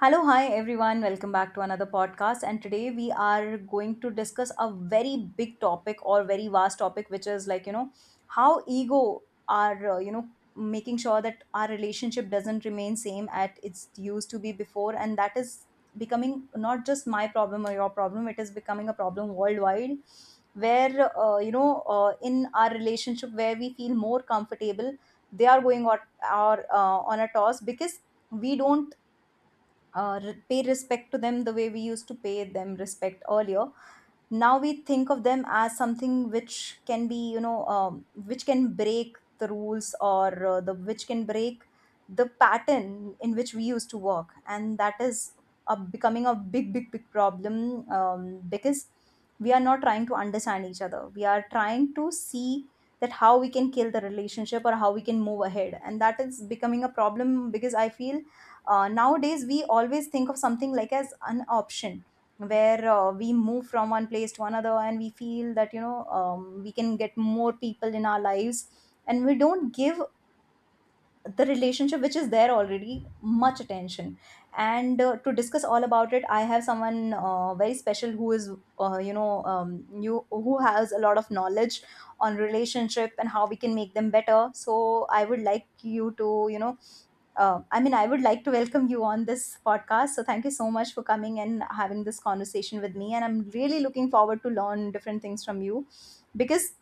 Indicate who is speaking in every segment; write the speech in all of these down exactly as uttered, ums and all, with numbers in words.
Speaker 1: Hello, hi everyone. Welcome back to another podcast. And today we are going to discuss a very big topic or very vast topic, which is like, you know, how ego are, uh, you know, making sure that our relationship doesn't remain same at it's used to be before. And that is becoming not just my problem or your problem. It is becoming a problem worldwide where, uh, you know, uh, in our relationship where we feel more comfortable, they are going on, or, uh, on a toss because we don't uh, re- pay respect to them the way we used to pay them respect earlier. Now we think of them as something which can be, you know um, which can break the rules, or uh, the which can break the pattern in which we used to work. And that is a, becoming a big, big, big problem, um, because we are not trying to understand each other. We are trying to see that how we can kill the relationship or how we can move ahead, and that is becoming a problem because I feel uh, nowadays we always think of something like as an option where uh, we move from one place to another and we feel that, you know um, we can get more people in our lives, and we don't give the relationship which is there already much attention. And uh, to discuss all about it, I have someone uh, very special who is, uh, you know um, you who has a lot of knowledge on relationship and how we can make them better. So I would like you to, you know uh, I mean, I would like to welcome you on this podcast. So thank you so much for coming and having this conversation with me. And I'm really looking forward to learn different things from you, because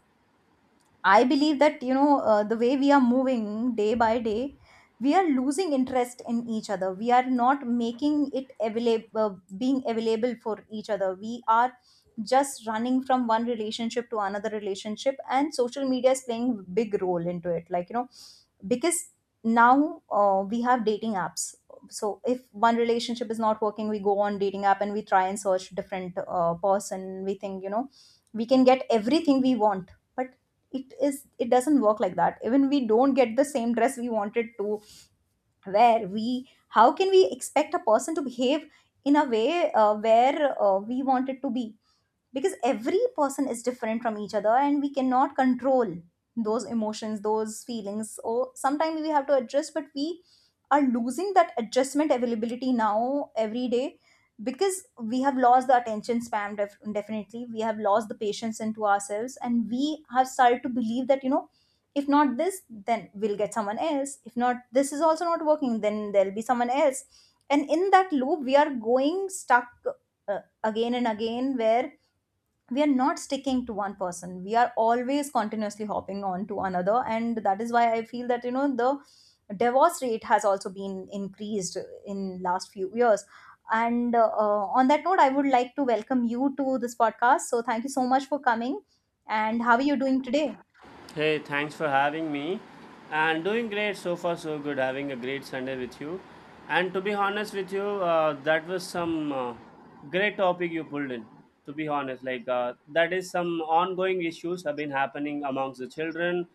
Speaker 1: I believe that, you know uh, the way we are moving day by day, we are losing interest in each other. We are not making it available, being available for each other. We are just running from one relationship to another relationship, and social media is playing big role into it, like you know because now uh, we have dating apps. So if one relationship is not working, we go on dating app and we try and search different uh, person. We think, you know we can get everything we want, but it is it doesn't work like that. Even we don't get the same dress we wanted to wear. We, how can we expect a person to behave in a way uh, where uh, we want it to be, because every person is different from each other and we cannot control those emotions, those feelings. Or sometimes we have to adjust, but we are losing that adjustment availability now every day, because we have lost the attention span. Def- definitely we have lost the patience into ourselves, and we have started to believe that, you know if not this, then we'll get someone else. If not this is also not working, then there'll be someone else. And in that loop we are going stuck, uh, again and again, where we are not sticking to one person. We are always continuously hopping on to another, and that is why I feel that, you know the divorce rate has also been increased in last few years. And uh, on that note, I would like to welcome you to this podcast. So thank you so much for coming. And how are you doing today?
Speaker 2: Hey, thanks for having me. And doing great so far, so good. Having a great Sunday with you. And to be honest with you, uh, that was some uh, great topic you pulled in. To be honest, like uh, that is some ongoing issues have been happening amongst the children,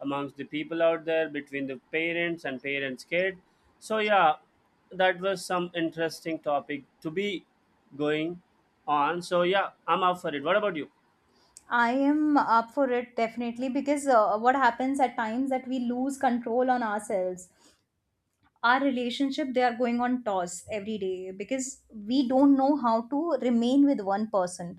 Speaker 2: amongst the people out there, between the parents and parents' kid. So yeah, that was some interesting topic to be going on. So yeah, I'm up for it. What about you?
Speaker 1: I am up for it, definitely, because uh, what happens at times that we lose control on ourselves. Our relationship, they are going on toss every day, because we don't know how to remain with one person.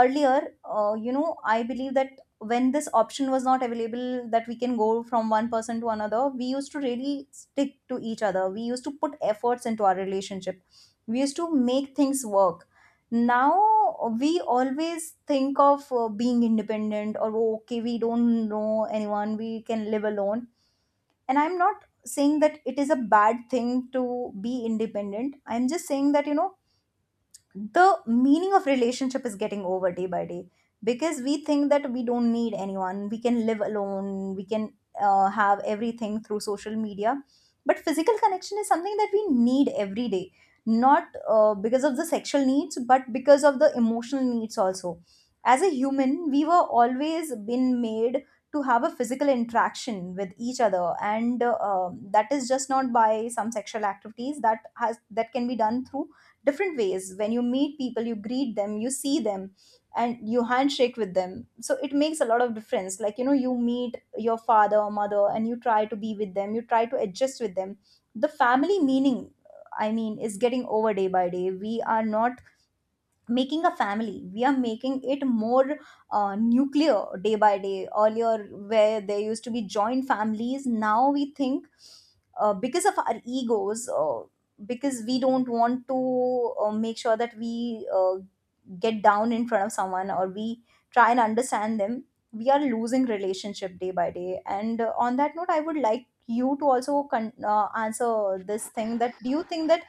Speaker 1: Earlier, uh, you know I believe that when this option was not available, that we can go from one person to another, we used to really stick to each other. We used to put efforts into our relationship. We used to make things work. Now we always think of uh, being independent, or, "Oh, okay, we don't know anyone, we can live alone." And I'm not saying that it is a bad thing to be independent. I'm just saying that, you know the meaning of relationship is getting over day by day, because we think that we don't need anyone, we can live alone. We can uh, have everything through social media, but physical connection is something that we need every day. Not uh, because of the sexual needs, but because of the emotional needs also. As a human, we were always been made to have a physical interaction with each other. And uh, um, that is just not by some sexual activities. That has that can be done through different ways. When you meet people, you greet them, you see them, and you handshake with them. So it makes a lot of difference. Like you know you meet your father or mother and you try to be with them, you try to adjust with them. The family meaning, i mean is getting over day by day. We are not making a family, we are making it more uh, nuclear day by day. Earlier, where there used to be joint families, now we think, uh, because of our egos, uh, because we don't want to uh, make sure that we uh, get down in front of someone, or we try and understand them, we are losing relationship day by day. And uh, on that note, I would like you to also con- uh, answer this thing, that do you think that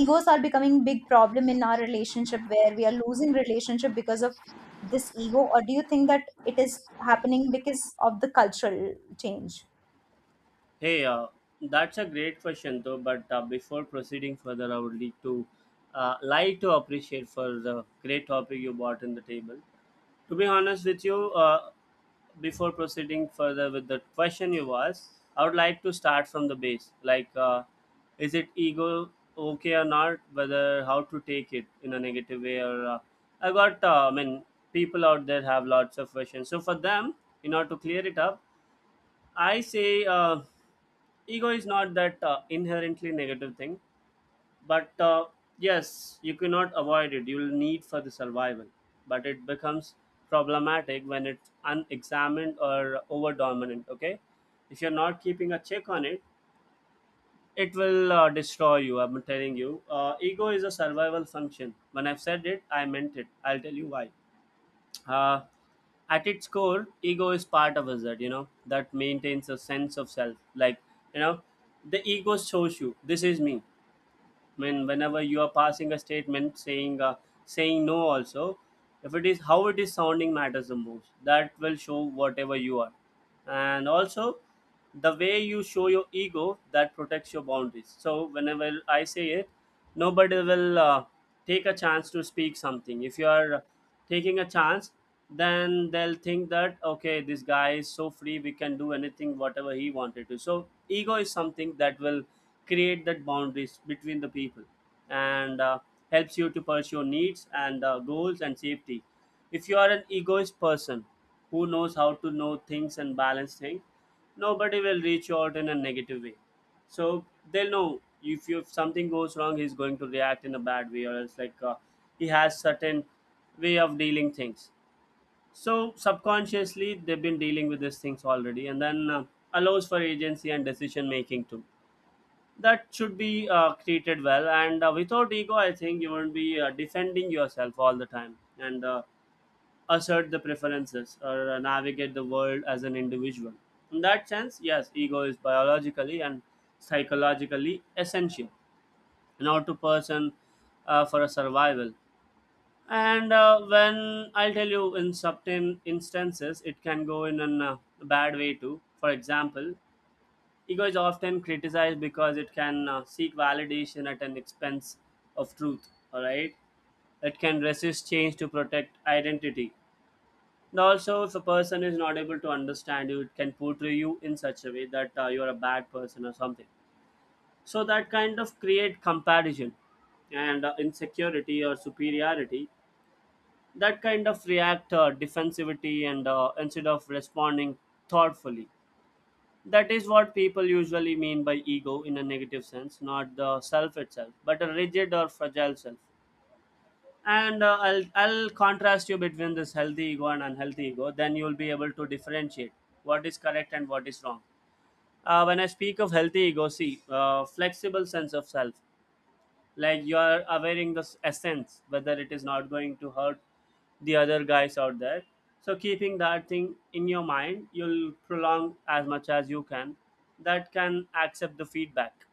Speaker 1: egos are becoming big problem in our relationship, where we are losing relationship because of this ego? Or do you think that it is happening because of the cultural change?
Speaker 2: Hey, uh, that's a great question, though. But uh, before proceeding further, I would like to uh, like to appreciate for the great topic you brought in the table. To be honest with you, uh, before proceeding further with the question you asked, I would like to start from the base. Like, uh, is it ego okay or not? Whether how to take it in a negative way or uh, I got. Uh, I mean, people out there have lots of questions. So for them, in order to clear it up, I say. Uh, ego is not that uh, inherently negative thing but uh, yes, you cannot avoid it. You'll need for the survival, but it becomes problematic when it's unexamined or over dominant. Okay, if you're not keeping a check on it, it will uh, destroy you. I'm telling you, uh, ego is a survival function. When I've said it, I meant it. I'll tell you why. uh, at its core, ego is part of us that, you know, that maintains a sense of self. Like, you know, the ego shows you this is me. I mean, whenever you are passing a statement saying uh, saying no, also, if it is, how it is sounding matters the most. That will show whatever you are, and also the way you show your ego that protects your boundaries. So whenever I say it, nobody will uh, take a chance to speak something. If you are uh, taking a chance, then they'll think that, okay, this guy is so free, we can do anything whatever he wanted to. So ego is something that will create that boundaries between the people, and uh, helps you to pursue needs and uh, goals and safety. If you are an egoist person who knows how to know things and balance things, nobody will reach out in a negative way. So they'll know, if you, if something goes wrong, he's going to react in a bad way, or else like, uh, he has certain way of dealing things. So subconsciously they've been dealing with these things already, and then uh, allows for agency and decision making too. That should be uh, treated well, and uh, without ego I think you won't be uh, defending yourself all the time, and uh, assert the preferences or uh, navigate the world as an individual. In that sense, yes, ego is biologically and psychologically essential in order to person, uh, for a survival. And uh, when I'll tell you, in certain instances it can go in a uh, bad way too. For example, ego is often criticized because it can uh, seek validation at an expense of truth, all right? It can resist change to protect identity, and also if a person is not able to understand you, it can portray you in such a way that uh, you're a bad person or something. So that kind of create comparison and uh, insecurity or superiority. That kind of react uh, defensivity and uh, instead of responding thoughtfully. That is what people usually mean by ego in a negative sense, not the self itself, but a rigid or fragile self. And uh, I'll, I'll contrast you between this healthy ego and unhealthy ego, then you'll be able to differentiate what is correct and what is wrong. Uh, when I speak of healthy ego, see, uh, flexible sense of self, like you are availing the essence whether it is not going to hurt the other guys out there. So keeping that thing in your mind, you'll prolong as much as you can that can accept the feedback.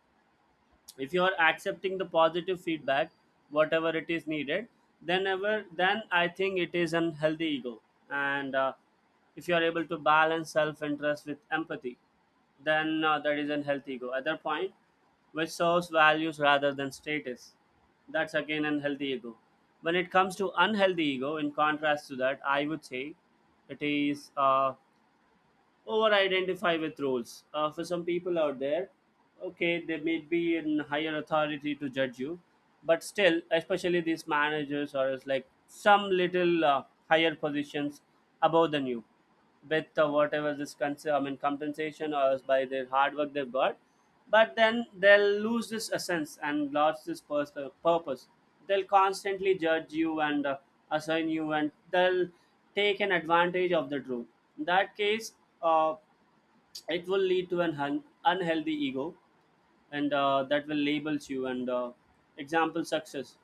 Speaker 2: If you are accepting the positive feedback whatever it is needed, then ever then I think it is an healthy ego. And uh, if you are able to balance self-interest with empathy, then uh, that is an healthy ego. Other point, which serves values rather than status, that's again an healthy ego. When it comes to unhealthy ego, in contrast to that, I would say it is uh, over identify with roles. Uh, for some people out there, okay, they may be in higher authority to judge you, but still, especially these managers or as like some little uh, higher positions above than you, with uh, whatever this cons- I mean compensation or by their hard work they've got, but then they'll lose this essence and lost this pers- uh, purpose. They'll constantly judge you and uh, assign you, and they'll take an advantage of the truth. In that case, uh, it will lead to an un- unhealthy ego, and uh, that will labels you. And uh, example, success,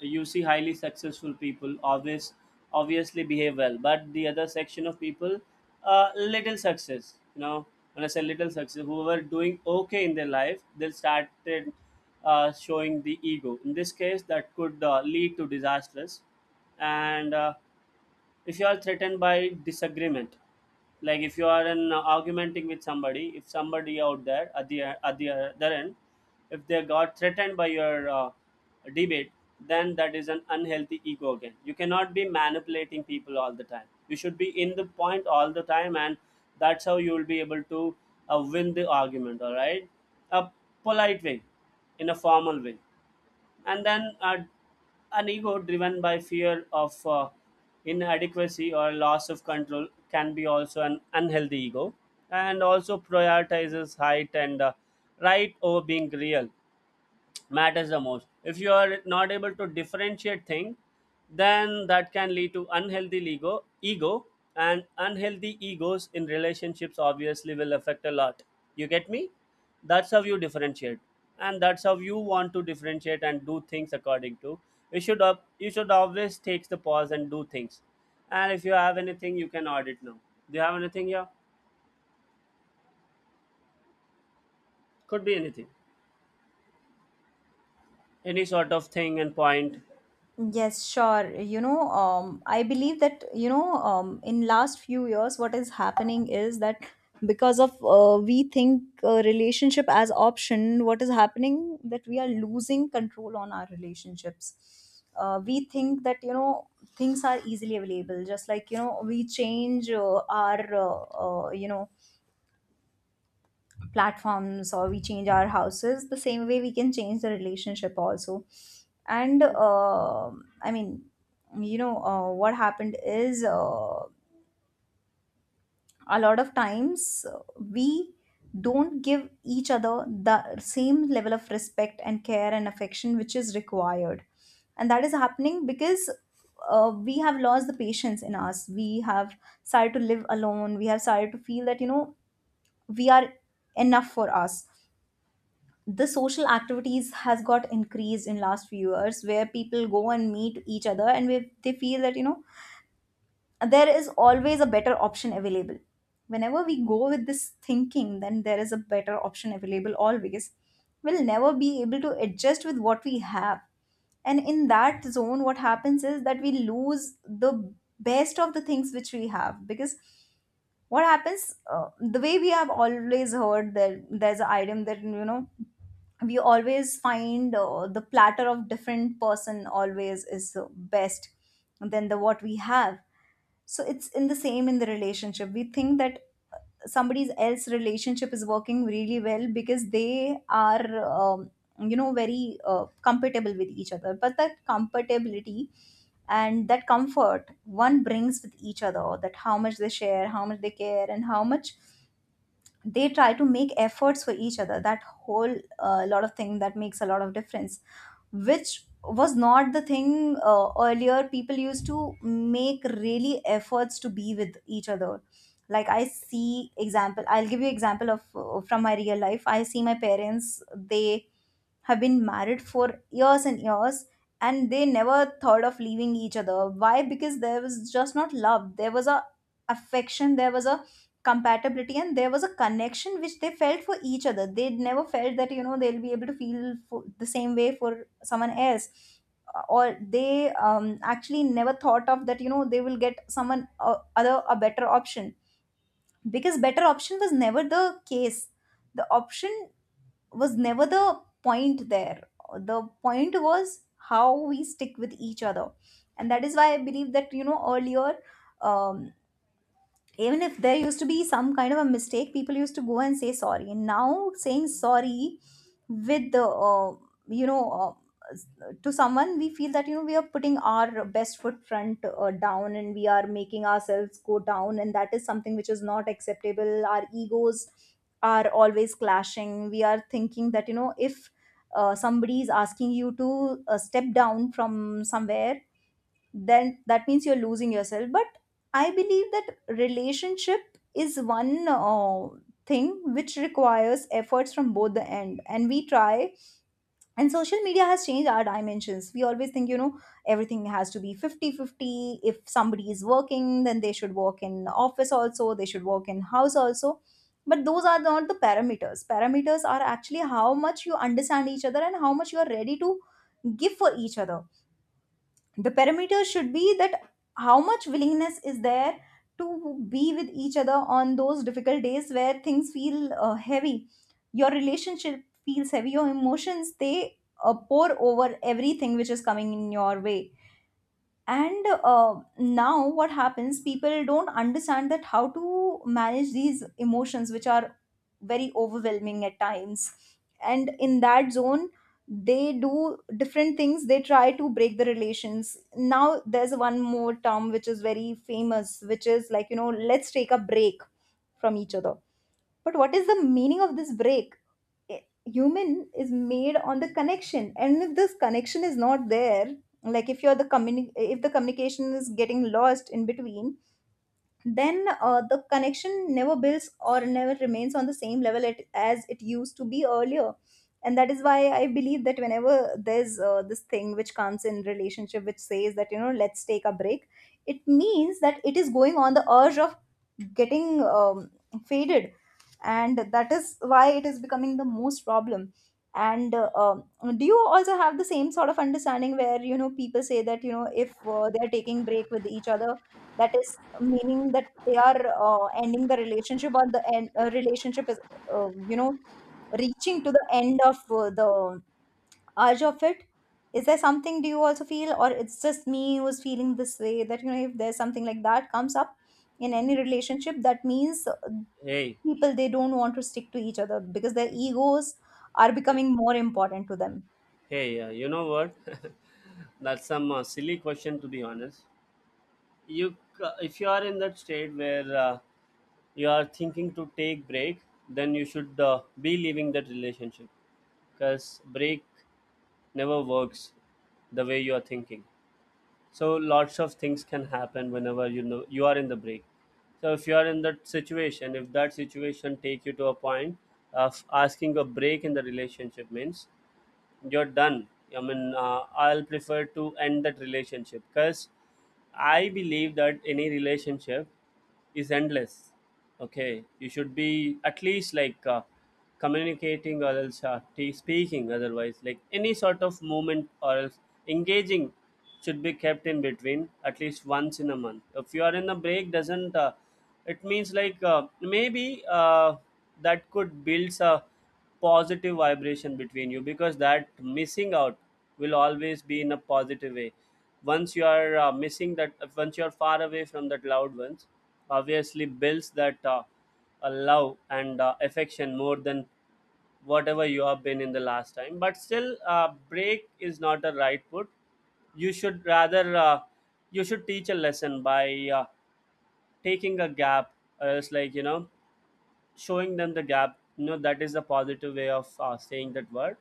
Speaker 2: you see highly successful people obvious, obviously behave well, but the other section of people, uh, little success, you know, when I say little success, who were doing okay in their life, they started uh, showing the ego in this case that could uh, lead to disasters. And uh, if you are threatened by disagreement, like if you are in uh, argumenting with somebody, if somebody out there at the at the other end, if they got threatened by your uh, debate, then that is an unhealthy ego. Again, you cannot be manipulating people all the time. You should be in the point all the time, and that's how you will be able to uh, win the argument, all right? A polite way, in a formal way. And then uh, an ego driven by fear of uh, inadequacy or loss of control can be also an unhealthy ego. And also prioritizes height and uh, right over being real matters the most. If you are not able to differentiate things, then that can lead to unhealthy ego ego. And unhealthy egos in relationships obviously will affect a lot. You get me? That's how you differentiate, and that's how you want to differentiate and do things according to. You should up you should always take the pause and do things. And if you have anything, you can audit now. Do you have anything here? Could be anything, any sort of thing and point.
Speaker 1: Yes, sure. You know, um, I believe that, you know, um, in last few years, what is happening is that because of, uh, we think uh, relationship as option, what is happening that we are losing control on our relationships. Uh, we think that, you know, things are easily available. Just like, you know, we change uh, our, uh, uh, you know, platforms, or we change our houses, the same way we can change the relationship also. And uh I mean you know uh, What happened is, uh, a lot of times, uh, we don't give each other the same level of respect and care and affection which is required. And that is happening because uh, we have lost the patience in us. We have started to live alone. We have started to feel that, you know we are enough for us. The social activities has got increased in last few years, where people go and meet each other, and we, they feel that, you know there is always a better option available. Whenever we go with this thinking, then there is a better option available always, we'll never be able to adjust with what we have. And in that zone, what happens is that we lose the best of the things which we have, because what happens, uh, the way we have always heard, that there's an item, that, you know we always find, uh, the platter of different person always is uh, best than the what we have. So it's in the same, in the relationship, we think that somebody else relationship is working really well because they are, um, you know very uh, compatible with each other. But that compatibility and that comfort one brings with each other, that how much they share, how much they care, and how much they try to make efforts for each other, that whole uh, lot of thing, that makes a lot of difference, which was not the thing uh, earlier. People used to make really efforts to be with each other. Like I see example, I'll give you example of uh, from my real life. I see my parents, they have been married for years and years, and they never thought of leaving each other. Why? Because there was just not love, there was a affection, there was a compatibility, and there was a connection which they felt for each other. They never felt that, you know they'll be able to feel for the same way for someone else, or they, um, actually never thought of that, you know they will get someone uh, other, a better option, because better option was never the case. The option was never the point there. The point was how we stick with each other. And that is why I believe that, you know, earlier, um, even if there used to be some kind of a mistake, people used to go and say sorry. And now saying sorry with the uh, you know uh, s- to someone, we feel that, you know, we are putting our best foot front uh, down, and we are making ourselves go down, and that is something which is not acceptable. Our egos are always clashing. We are thinking that, you know, if uh, somebody is asking you to uh, step down from somewhere, then that means you're losing yourself. But I believe that relationship is one uh, thing which requires efforts from both the end, and we try. And social media has changed our dimensions. We always think, you know, everything has to be fifty-fifty. If somebody is working, then they should work in office also, they should work in house also. But those are not the parameters. Parameters are actually how much you understand each other and how much you are ready to give for each other. The parameter should be that how much willingness is there to be with each other on those difficult days where things feel uh, heavy, your relationship feels heavy, your emotions, they uh, pour over everything which is coming in your way. And uh, now what happens, people don't understand that how to manage these emotions which are very overwhelming at times. And in that zone, they do different things. They try to break the relations. Now there's one more term which is very famous, which is like, you know, let's take a break from each other. But what is the meaning of this break? A- Human is made on the connection, and if this connection is not there, like if you're the communi- if the communication is getting lost in between, then uh, the connection never builds or never remains on the same level it, as it used to be earlier. And that is why I believe that whenever there's uh, this thing which comes in relationship, which says that, you know, let's take a break, it means that it is going on the urge of getting um, faded. And that is why it is becoming the most problem. And uh, um, do you also have the same sort of understanding where, you know, people say that, you know, if uh, they are taking break with each other, that is meaning that they are uh, ending the relationship, or the end, uh, relationship is uh, you know reaching to the end of uh, the urge of it. Is there something, do you also feel, or it's just me who's feeling this way that, you know, if there's something like that comes up in any relationship, that means uh,
Speaker 2: Hey.
Speaker 1: people, they don't want to stick to each other because their egos are becoming more important to them.
Speaker 2: Hey, uh, you know what? That's some uh, silly question, to be honest. You, c- if you are in that state where uh, you are thinking to take break, then you should uh, be leaving that relationship because break never works the way you are thinking. So lots of things can happen whenever, you know, you are in the break. So if you are in that situation, if that situation take you to a point of asking a break in the relationship, means you're done. I mean, uh, I'll prefer to end that relationship because I believe that any relationship is endless. Okay, you should be at least like uh, communicating, or else uh, t- speaking, otherwise, like any sort of movement or else engaging should be kept in between at least once in a month. If you are in a break, doesn't uh, it means like, uh, maybe uh, that could build a positive vibration between you, because that missing out will always be in a positive way. Once you are uh, missing that, once you are far away from that loved ones, obviously builds that uh, uh, love and uh, affection more than whatever you have been in the last time. But still, uh, break is not a right put. You should rather uh, you should teach a lesson by uh, taking a gap, or else, like, you know, showing them the gap, you know, that is the positive way of uh, saying that word.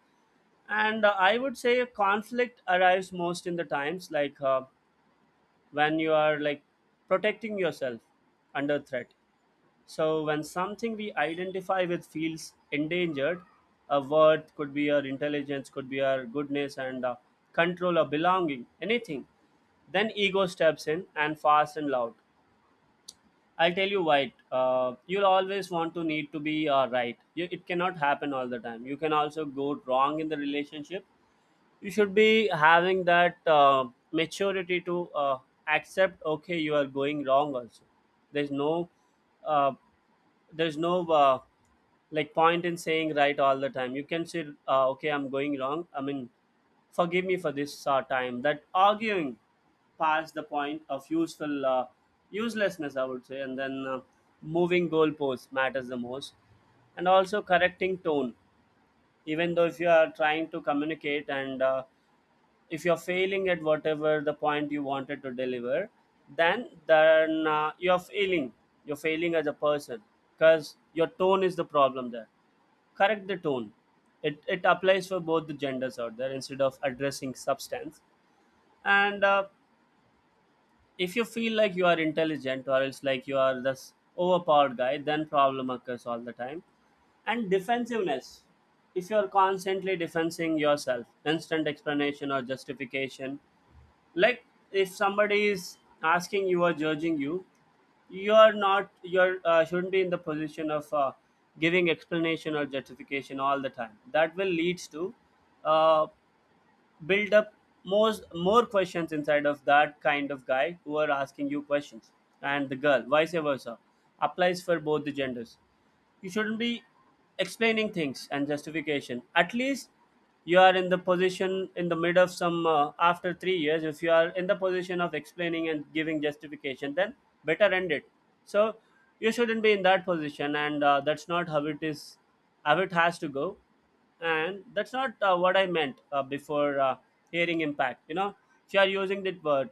Speaker 2: And uh, I would say a conflict arrives most in the times like, uh, when you are like protecting yourself under threat. So when something we identify with feels endangered, a word could be our intelligence, could be our goodness and uh, control or belonging, anything, then ego steps in, and fast and loud. I'll tell you why. Uh, you'll always want to need to be uh, right. You, it cannot happen all the time. You can also go wrong in the relationship. You should be having that uh, maturity to uh, accept. Okay, you are going wrong. Also, there's no uh, there's no uh, like point in saying right all the time. You can say, uh, okay, I'm going wrong. I mean forgive me for this uh, time that arguing past the point of useful uh, uselessness, I would say. And then uh, moving goalposts matters the most, and also correcting tone. Even though if you are trying to communicate, and uh, if you're failing at whatever the point you wanted to deliver, then then uh, you're failing. You're failing as a person because your tone is the problem there. Correct the tone. It, it applies for both the genders out there, instead of addressing substance. And uh, if you feel like you are intelligent or else like you are this overpowered guy, then problem occurs all the time. And defensiveness. If you are constantly defensing yourself, instant explanation or justification. Like, if somebody is asking you or judging you, you are not you're uh, shouldn't be in the position of uh, giving explanation or justification all the time. That will leads to uh, build up more more questions inside of that kind of guy who are asking you questions. And the girl vice versa. Applies for both the genders. You shouldn't be explaining things and justification. At least, you are in the position in the mid of some uh, after three years, if you are in the position of explaining and giving justification, then better end it. So you shouldn't be in that position, and uh, that's not how it is, how it has to go. And that's not uh, what I meant uh, before. Uh, hearing impact, you know, if you are using that word,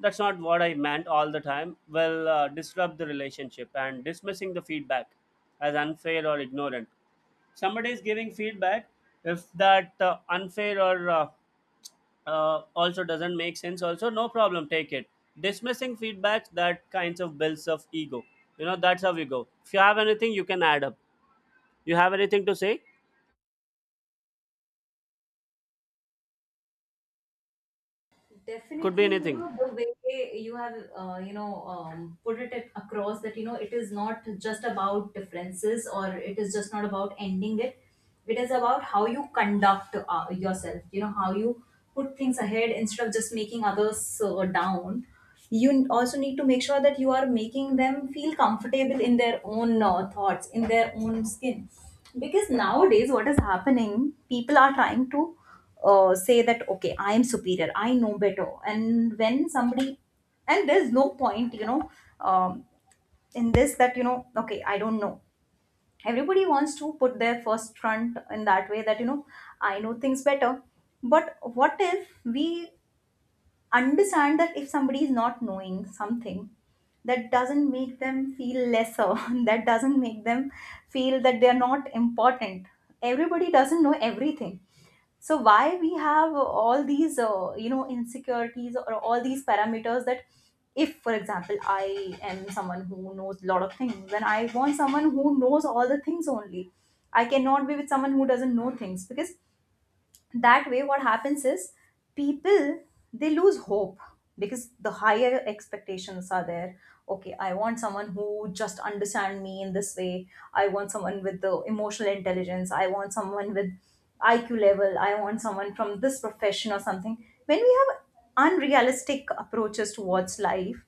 Speaker 2: "That's not what I meant" all the time, will uh, disrupt the relationship. And dismissing the feedback as unfair or ignorant. Somebody is giving feedback. If that uh, unfair or uh, uh, also doesn't make sense, also no problem, take it. Dismissing feedback, that kinds of builds of ego. You know, that's how we go. If you have anything, you can add up. You have anything to say? Could be
Speaker 1: Definitely, you
Speaker 2: anything.
Speaker 1: know, the way you have, uh, you know, um, put it at- across that, you know, it is not just about differences, or it is just not about ending it. It is about how you conduct uh, yourself, you know, how you put things ahead instead of just making others uh, down. You n- also need to make sure that you are making them feel comfortable in their own uh, thoughts, in their own skin. Because nowadays, what is happening, people are trying to uh, say that okay, I am superior, I know better. And when somebody, and there's no point, you know, um, in this that, you know, okay, I don't know, everybody wants to put their first front in that way, that, you know, I know things better. But what if we understand that if somebody is not knowing something, that doesn't make them feel lesser that doesn't make them feel that they are not important. Everybody doesn't know everything. So why we have all these uh, you know, insecurities, or all these parameters, that if for example I am someone who knows a lot of things, then I want someone who knows all the things only. I cannot be with someone who doesn't know things, because that way what happens is people, they lose hope, because the higher expectations are there. Okay, I want someone who just understand me in this way. I want someone with the emotional intelligence. I want someone with IQ level. I want someone from this profession or something. When we have unrealistic approaches towards life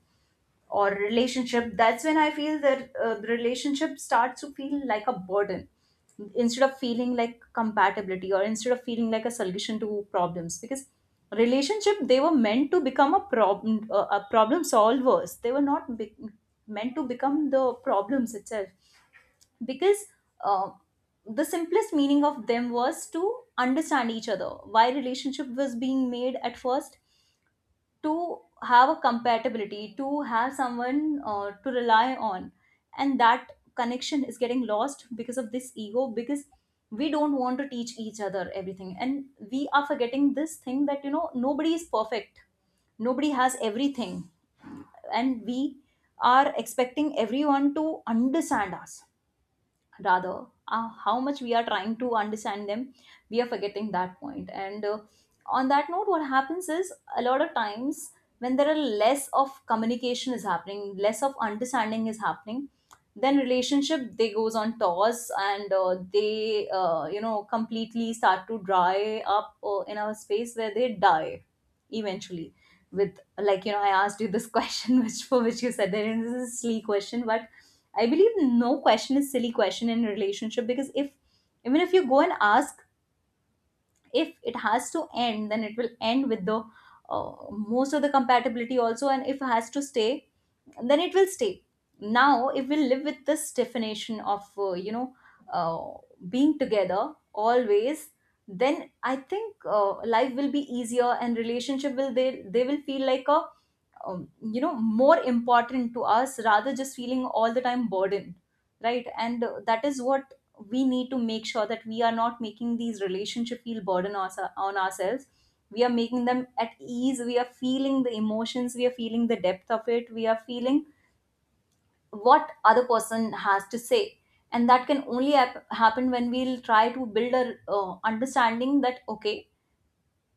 Speaker 1: or relationship, that's when I feel that uh, the relationship starts to feel like a burden instead of feeling like compatibility, or instead of feeling like a solution to problems. Because relationship, they were meant to become a problem uh, a problem solvers, they were not be- meant to become the problems itself. Because uh, the simplest meaning of them was to understand each other. Why relationship was being made at first? To have a compatibility, to have someone uh, to rely on. And that connection is getting lost because of this ego, because we don't want to teach each other everything. And we are forgetting this thing that, you know, nobody is perfect, nobody has everything. And we are expecting everyone to understand us, rather uh, how much we are trying to understand them. We are forgetting that point point. And uh, on that note, what happens is a lot of times when there are less of communication is happening, less of understanding is happening, then relationship, they goes on toss. And uh, they uh, you know completely start to dry up uh, in a space where they die eventually. With like, you know, I asked you this question which for which you said that it is a silly question. But I believe no question is silly question in a relationship, because if even if you go and ask, if it has to end, then it will end with the uh, most of the compatibility also. And if it has to stay, then it will stay. Now if we live with this definition of uh, you know uh, being together always, then I think uh, life will be easier, and relationship will, they they will feel like a, um, you know, more important to us, rather just feeling all the time burdened. Right. And uh, that is what we need to make sure, that we are not making these relationship feel burden on, on ourselves. We are making them at ease. We are feeling the emotions. We are feeling the depth of it. We are feeling what other person has to say. And that can only hap- happen when we'll try to build a uh, understanding that okay,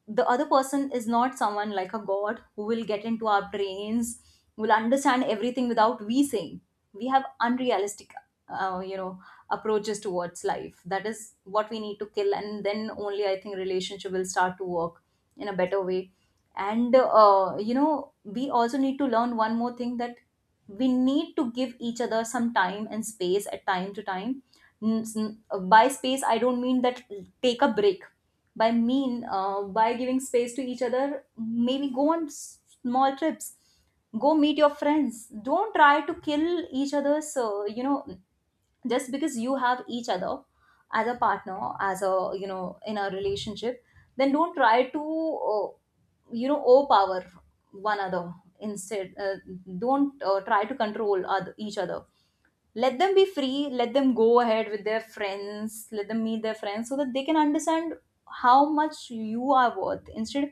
Speaker 1: the other person is not someone like a god who will get into our brains, will understand everything without we saying. We have unrealistic uh, you know approaches towards life. That is what we need to kill. And then only I think relationship will start to work in a better way. And uh, you know, we also need to learn one more thing, that we need to give each other some time and space at time to time. N- s- n- by space I don't mean that take a break. by mean uh, by giving space to each other, maybe go on s- small trips, go meet your friends. Don't try to kill each other's uh, you know, just because you have each other as a partner, as a, you know, in a relationship, then don't try to uh, you know, overpower one another. Instead uh, don't uh, try to control other, each other. Let them be free. Let them go ahead with their friends. Let them meet their friends, so that they can understand how much you are worth, instead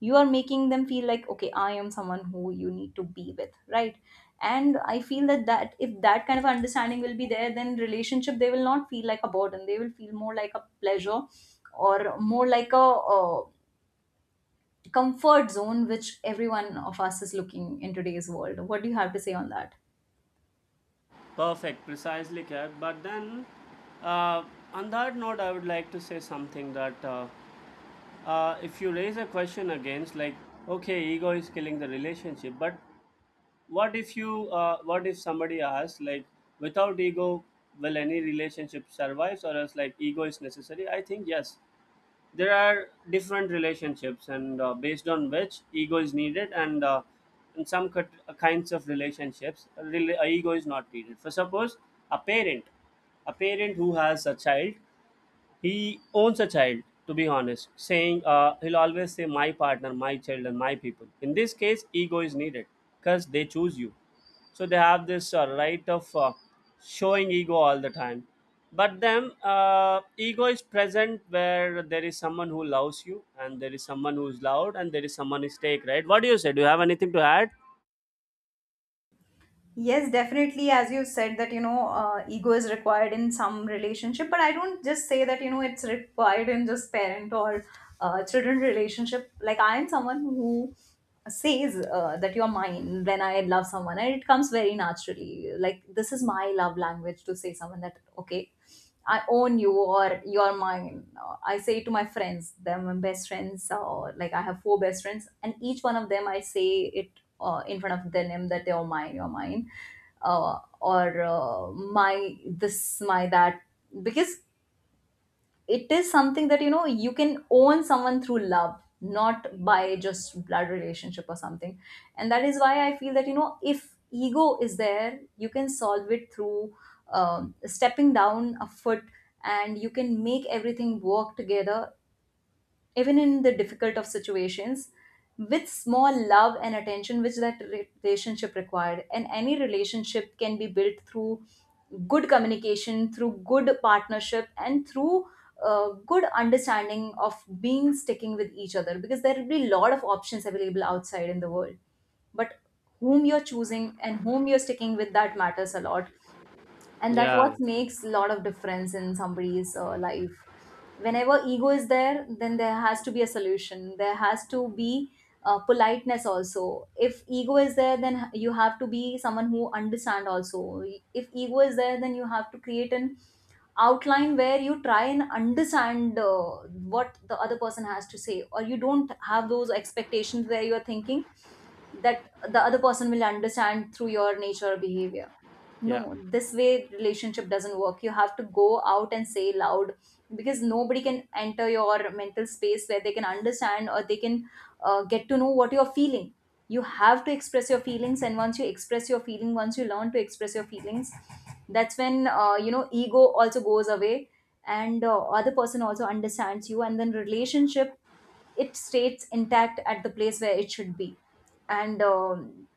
Speaker 1: you are making them feel like okay, I am someone who you need to be with, right? And I feel that that if that kind of understanding will be there, then relationship, they will not feel like a burden. They will feel more like a pleasure, or more like a, uh comfort zone, which every one of us is looking in today's world. What do you have to say on that?
Speaker 2: Perfect, precisely, Kev. But then, uh, on that note, I would like to say something that. Uh, uh, if you raise a question against, like, okay, ego is killing the relationship, but what if you uh, what if somebody asks, like, without ego, will any relationship survive, or else like, ego is necessary? I think yes. There are different relationships, and uh, based on which ego is needed. And uh, in some cut, uh, kinds of relationships, uh, rela- ego is not needed. For suppose, a parent, a parent who has a child, he owns a child. To be honest, saying, uh, he'll always say, my partner, my child, and my people. In this case, ego is needed because they choose you. So they have this uh, right of uh, showing ego all the time. But then, uh, ego is present where there is someone who loves you, and there is someone who is loud, and there is someone is take, right? What do you say? Do you have anything to add?
Speaker 1: Yes, definitely. As you said, that, you know, uh, ego is required in some relationship, but I don't just say that, you know, it's required in just parent or uh, children relationship. Like, I am someone who says uh, that you're mine when I love someone, and it comes very naturally. Like this is my love language, to say someone that okay, I own you, or you're mine. Uh, I say to my friends, they're my best friends, or like, I have four best friends, and each one of them I say it uh, in front of their name that you're mine, you're mine, uh, or uh, my this, my that, because it is something that, you know, you can own someone through love, not by just blood relationship or something. And that is why I feel that, you know, if ego is there, you can solve it through um, stepping down a foot. And you can make everything work together, even in the difficult of situations, with small love and attention which that re- relationship required. And any relationship can be built through good communication, through good partnership, and through uh, good understanding of being sticking with each other, because there will be a lot of options available outside in the world. But whom you're choosing, and whom you're sticking with, that matters a lot. And that what
Speaker 2: Yeah,
Speaker 1: makes a lot of difference in somebody's uh, life. Whenever ego is there, then there has to be a solution. There has to be uh, politeness also. If ego is there, then you have to be someone who understand also. If ego is there, then you have to create an outline where you try and understand uh, what the other person has to say, or you don't have those expectations where you are thinking that the other person will understand through your nature or behavior.
Speaker 2: yeah.
Speaker 1: No, this way relationship doesn't work. You have to go out and say loud, because nobody can enter your mental space where they can understand, or they can uh, get to know what you're feeling. You have to express your feelings. And once you express your feeling, once you learn to express your feelings, that's when uh, you know, ego also goes away. And uh, other person also understands you. And then relationship, it stays intact at the place where it should be. And um,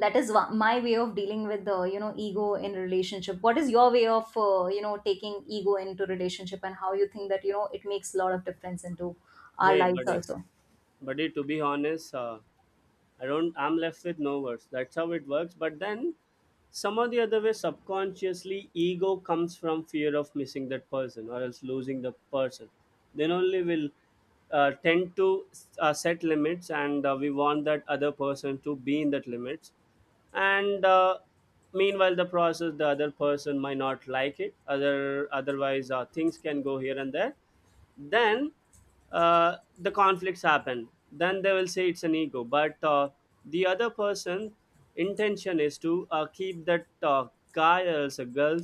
Speaker 1: that is one, my way of dealing with the, you know, ego in relationship. What is your way of uh, you know, taking ego into relationship, and how you think that, you know, it makes a lot of difference into our
Speaker 2: Hey,
Speaker 1: lives
Speaker 2: buddy,
Speaker 1: also?
Speaker 2: buddy. To be honest, uh, I don't. I'm left with no words. That's how it works. But then, some or the other way, subconsciously, ego comes from fear of missing that person or else losing the person. Then only will uh, tend to uh, set limits, and uh, we want that other person to be in that limits. And uh, meanwhile, the process, the other person might not like it. Other otherwise, uh, things can go here and there. Then uh, the conflicts happen, then they will say it's an ego, but uh, the other person intention is to uh, keep that uh, guy or else a girl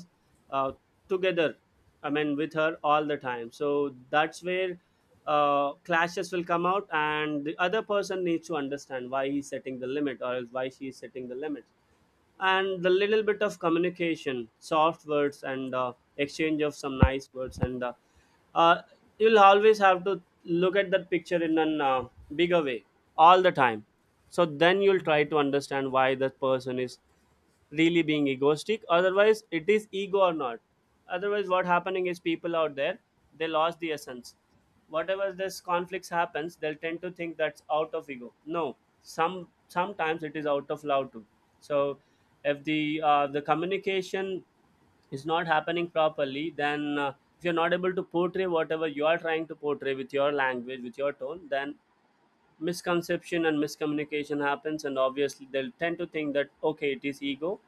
Speaker 2: uh, together, I mean, with her all the time. So that's where uh, clashes will come out, and the other person needs to understand why he's setting the limit or else why she is setting the limit. And the little bit of communication, soft words, and uh, exchange of some nice words, and uh, uh, you'll always have to look at that picture in an uh, bigger way all the time. So then you'll try to understand why that person is really being egoistic, otherwise it is ego or not. Otherwise what happening is, people out there, they lost the essence. Whatever this conflicts happens, they'll tend to think that's out of ego. No, some sometimes it is out of love too. So if the uh, the communication is not happening properly, then uh, if you're not able to portray whatever you are trying to portray with your language, with your tone, then misconception and miscommunication happens, and obviously they'll tend to think that okay, it is ego.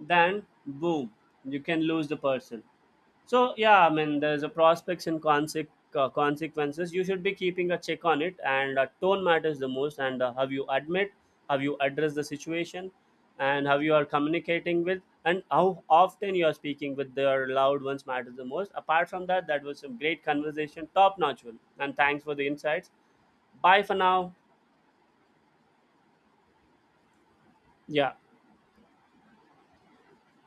Speaker 2: Then boom, you can lose the person. So yeah, I mean, there's a prospects and conse- uh, consequences. You should be keeping a check on it, and uh, tone matters the most. And uh, have you admit, have you address the situation, and how you are communicating with, and how often you are speaking with their loved ones matters the most. Apart from that, that was some great conversation, top notch one. And thanks for the insights. Bye for now. Yeah.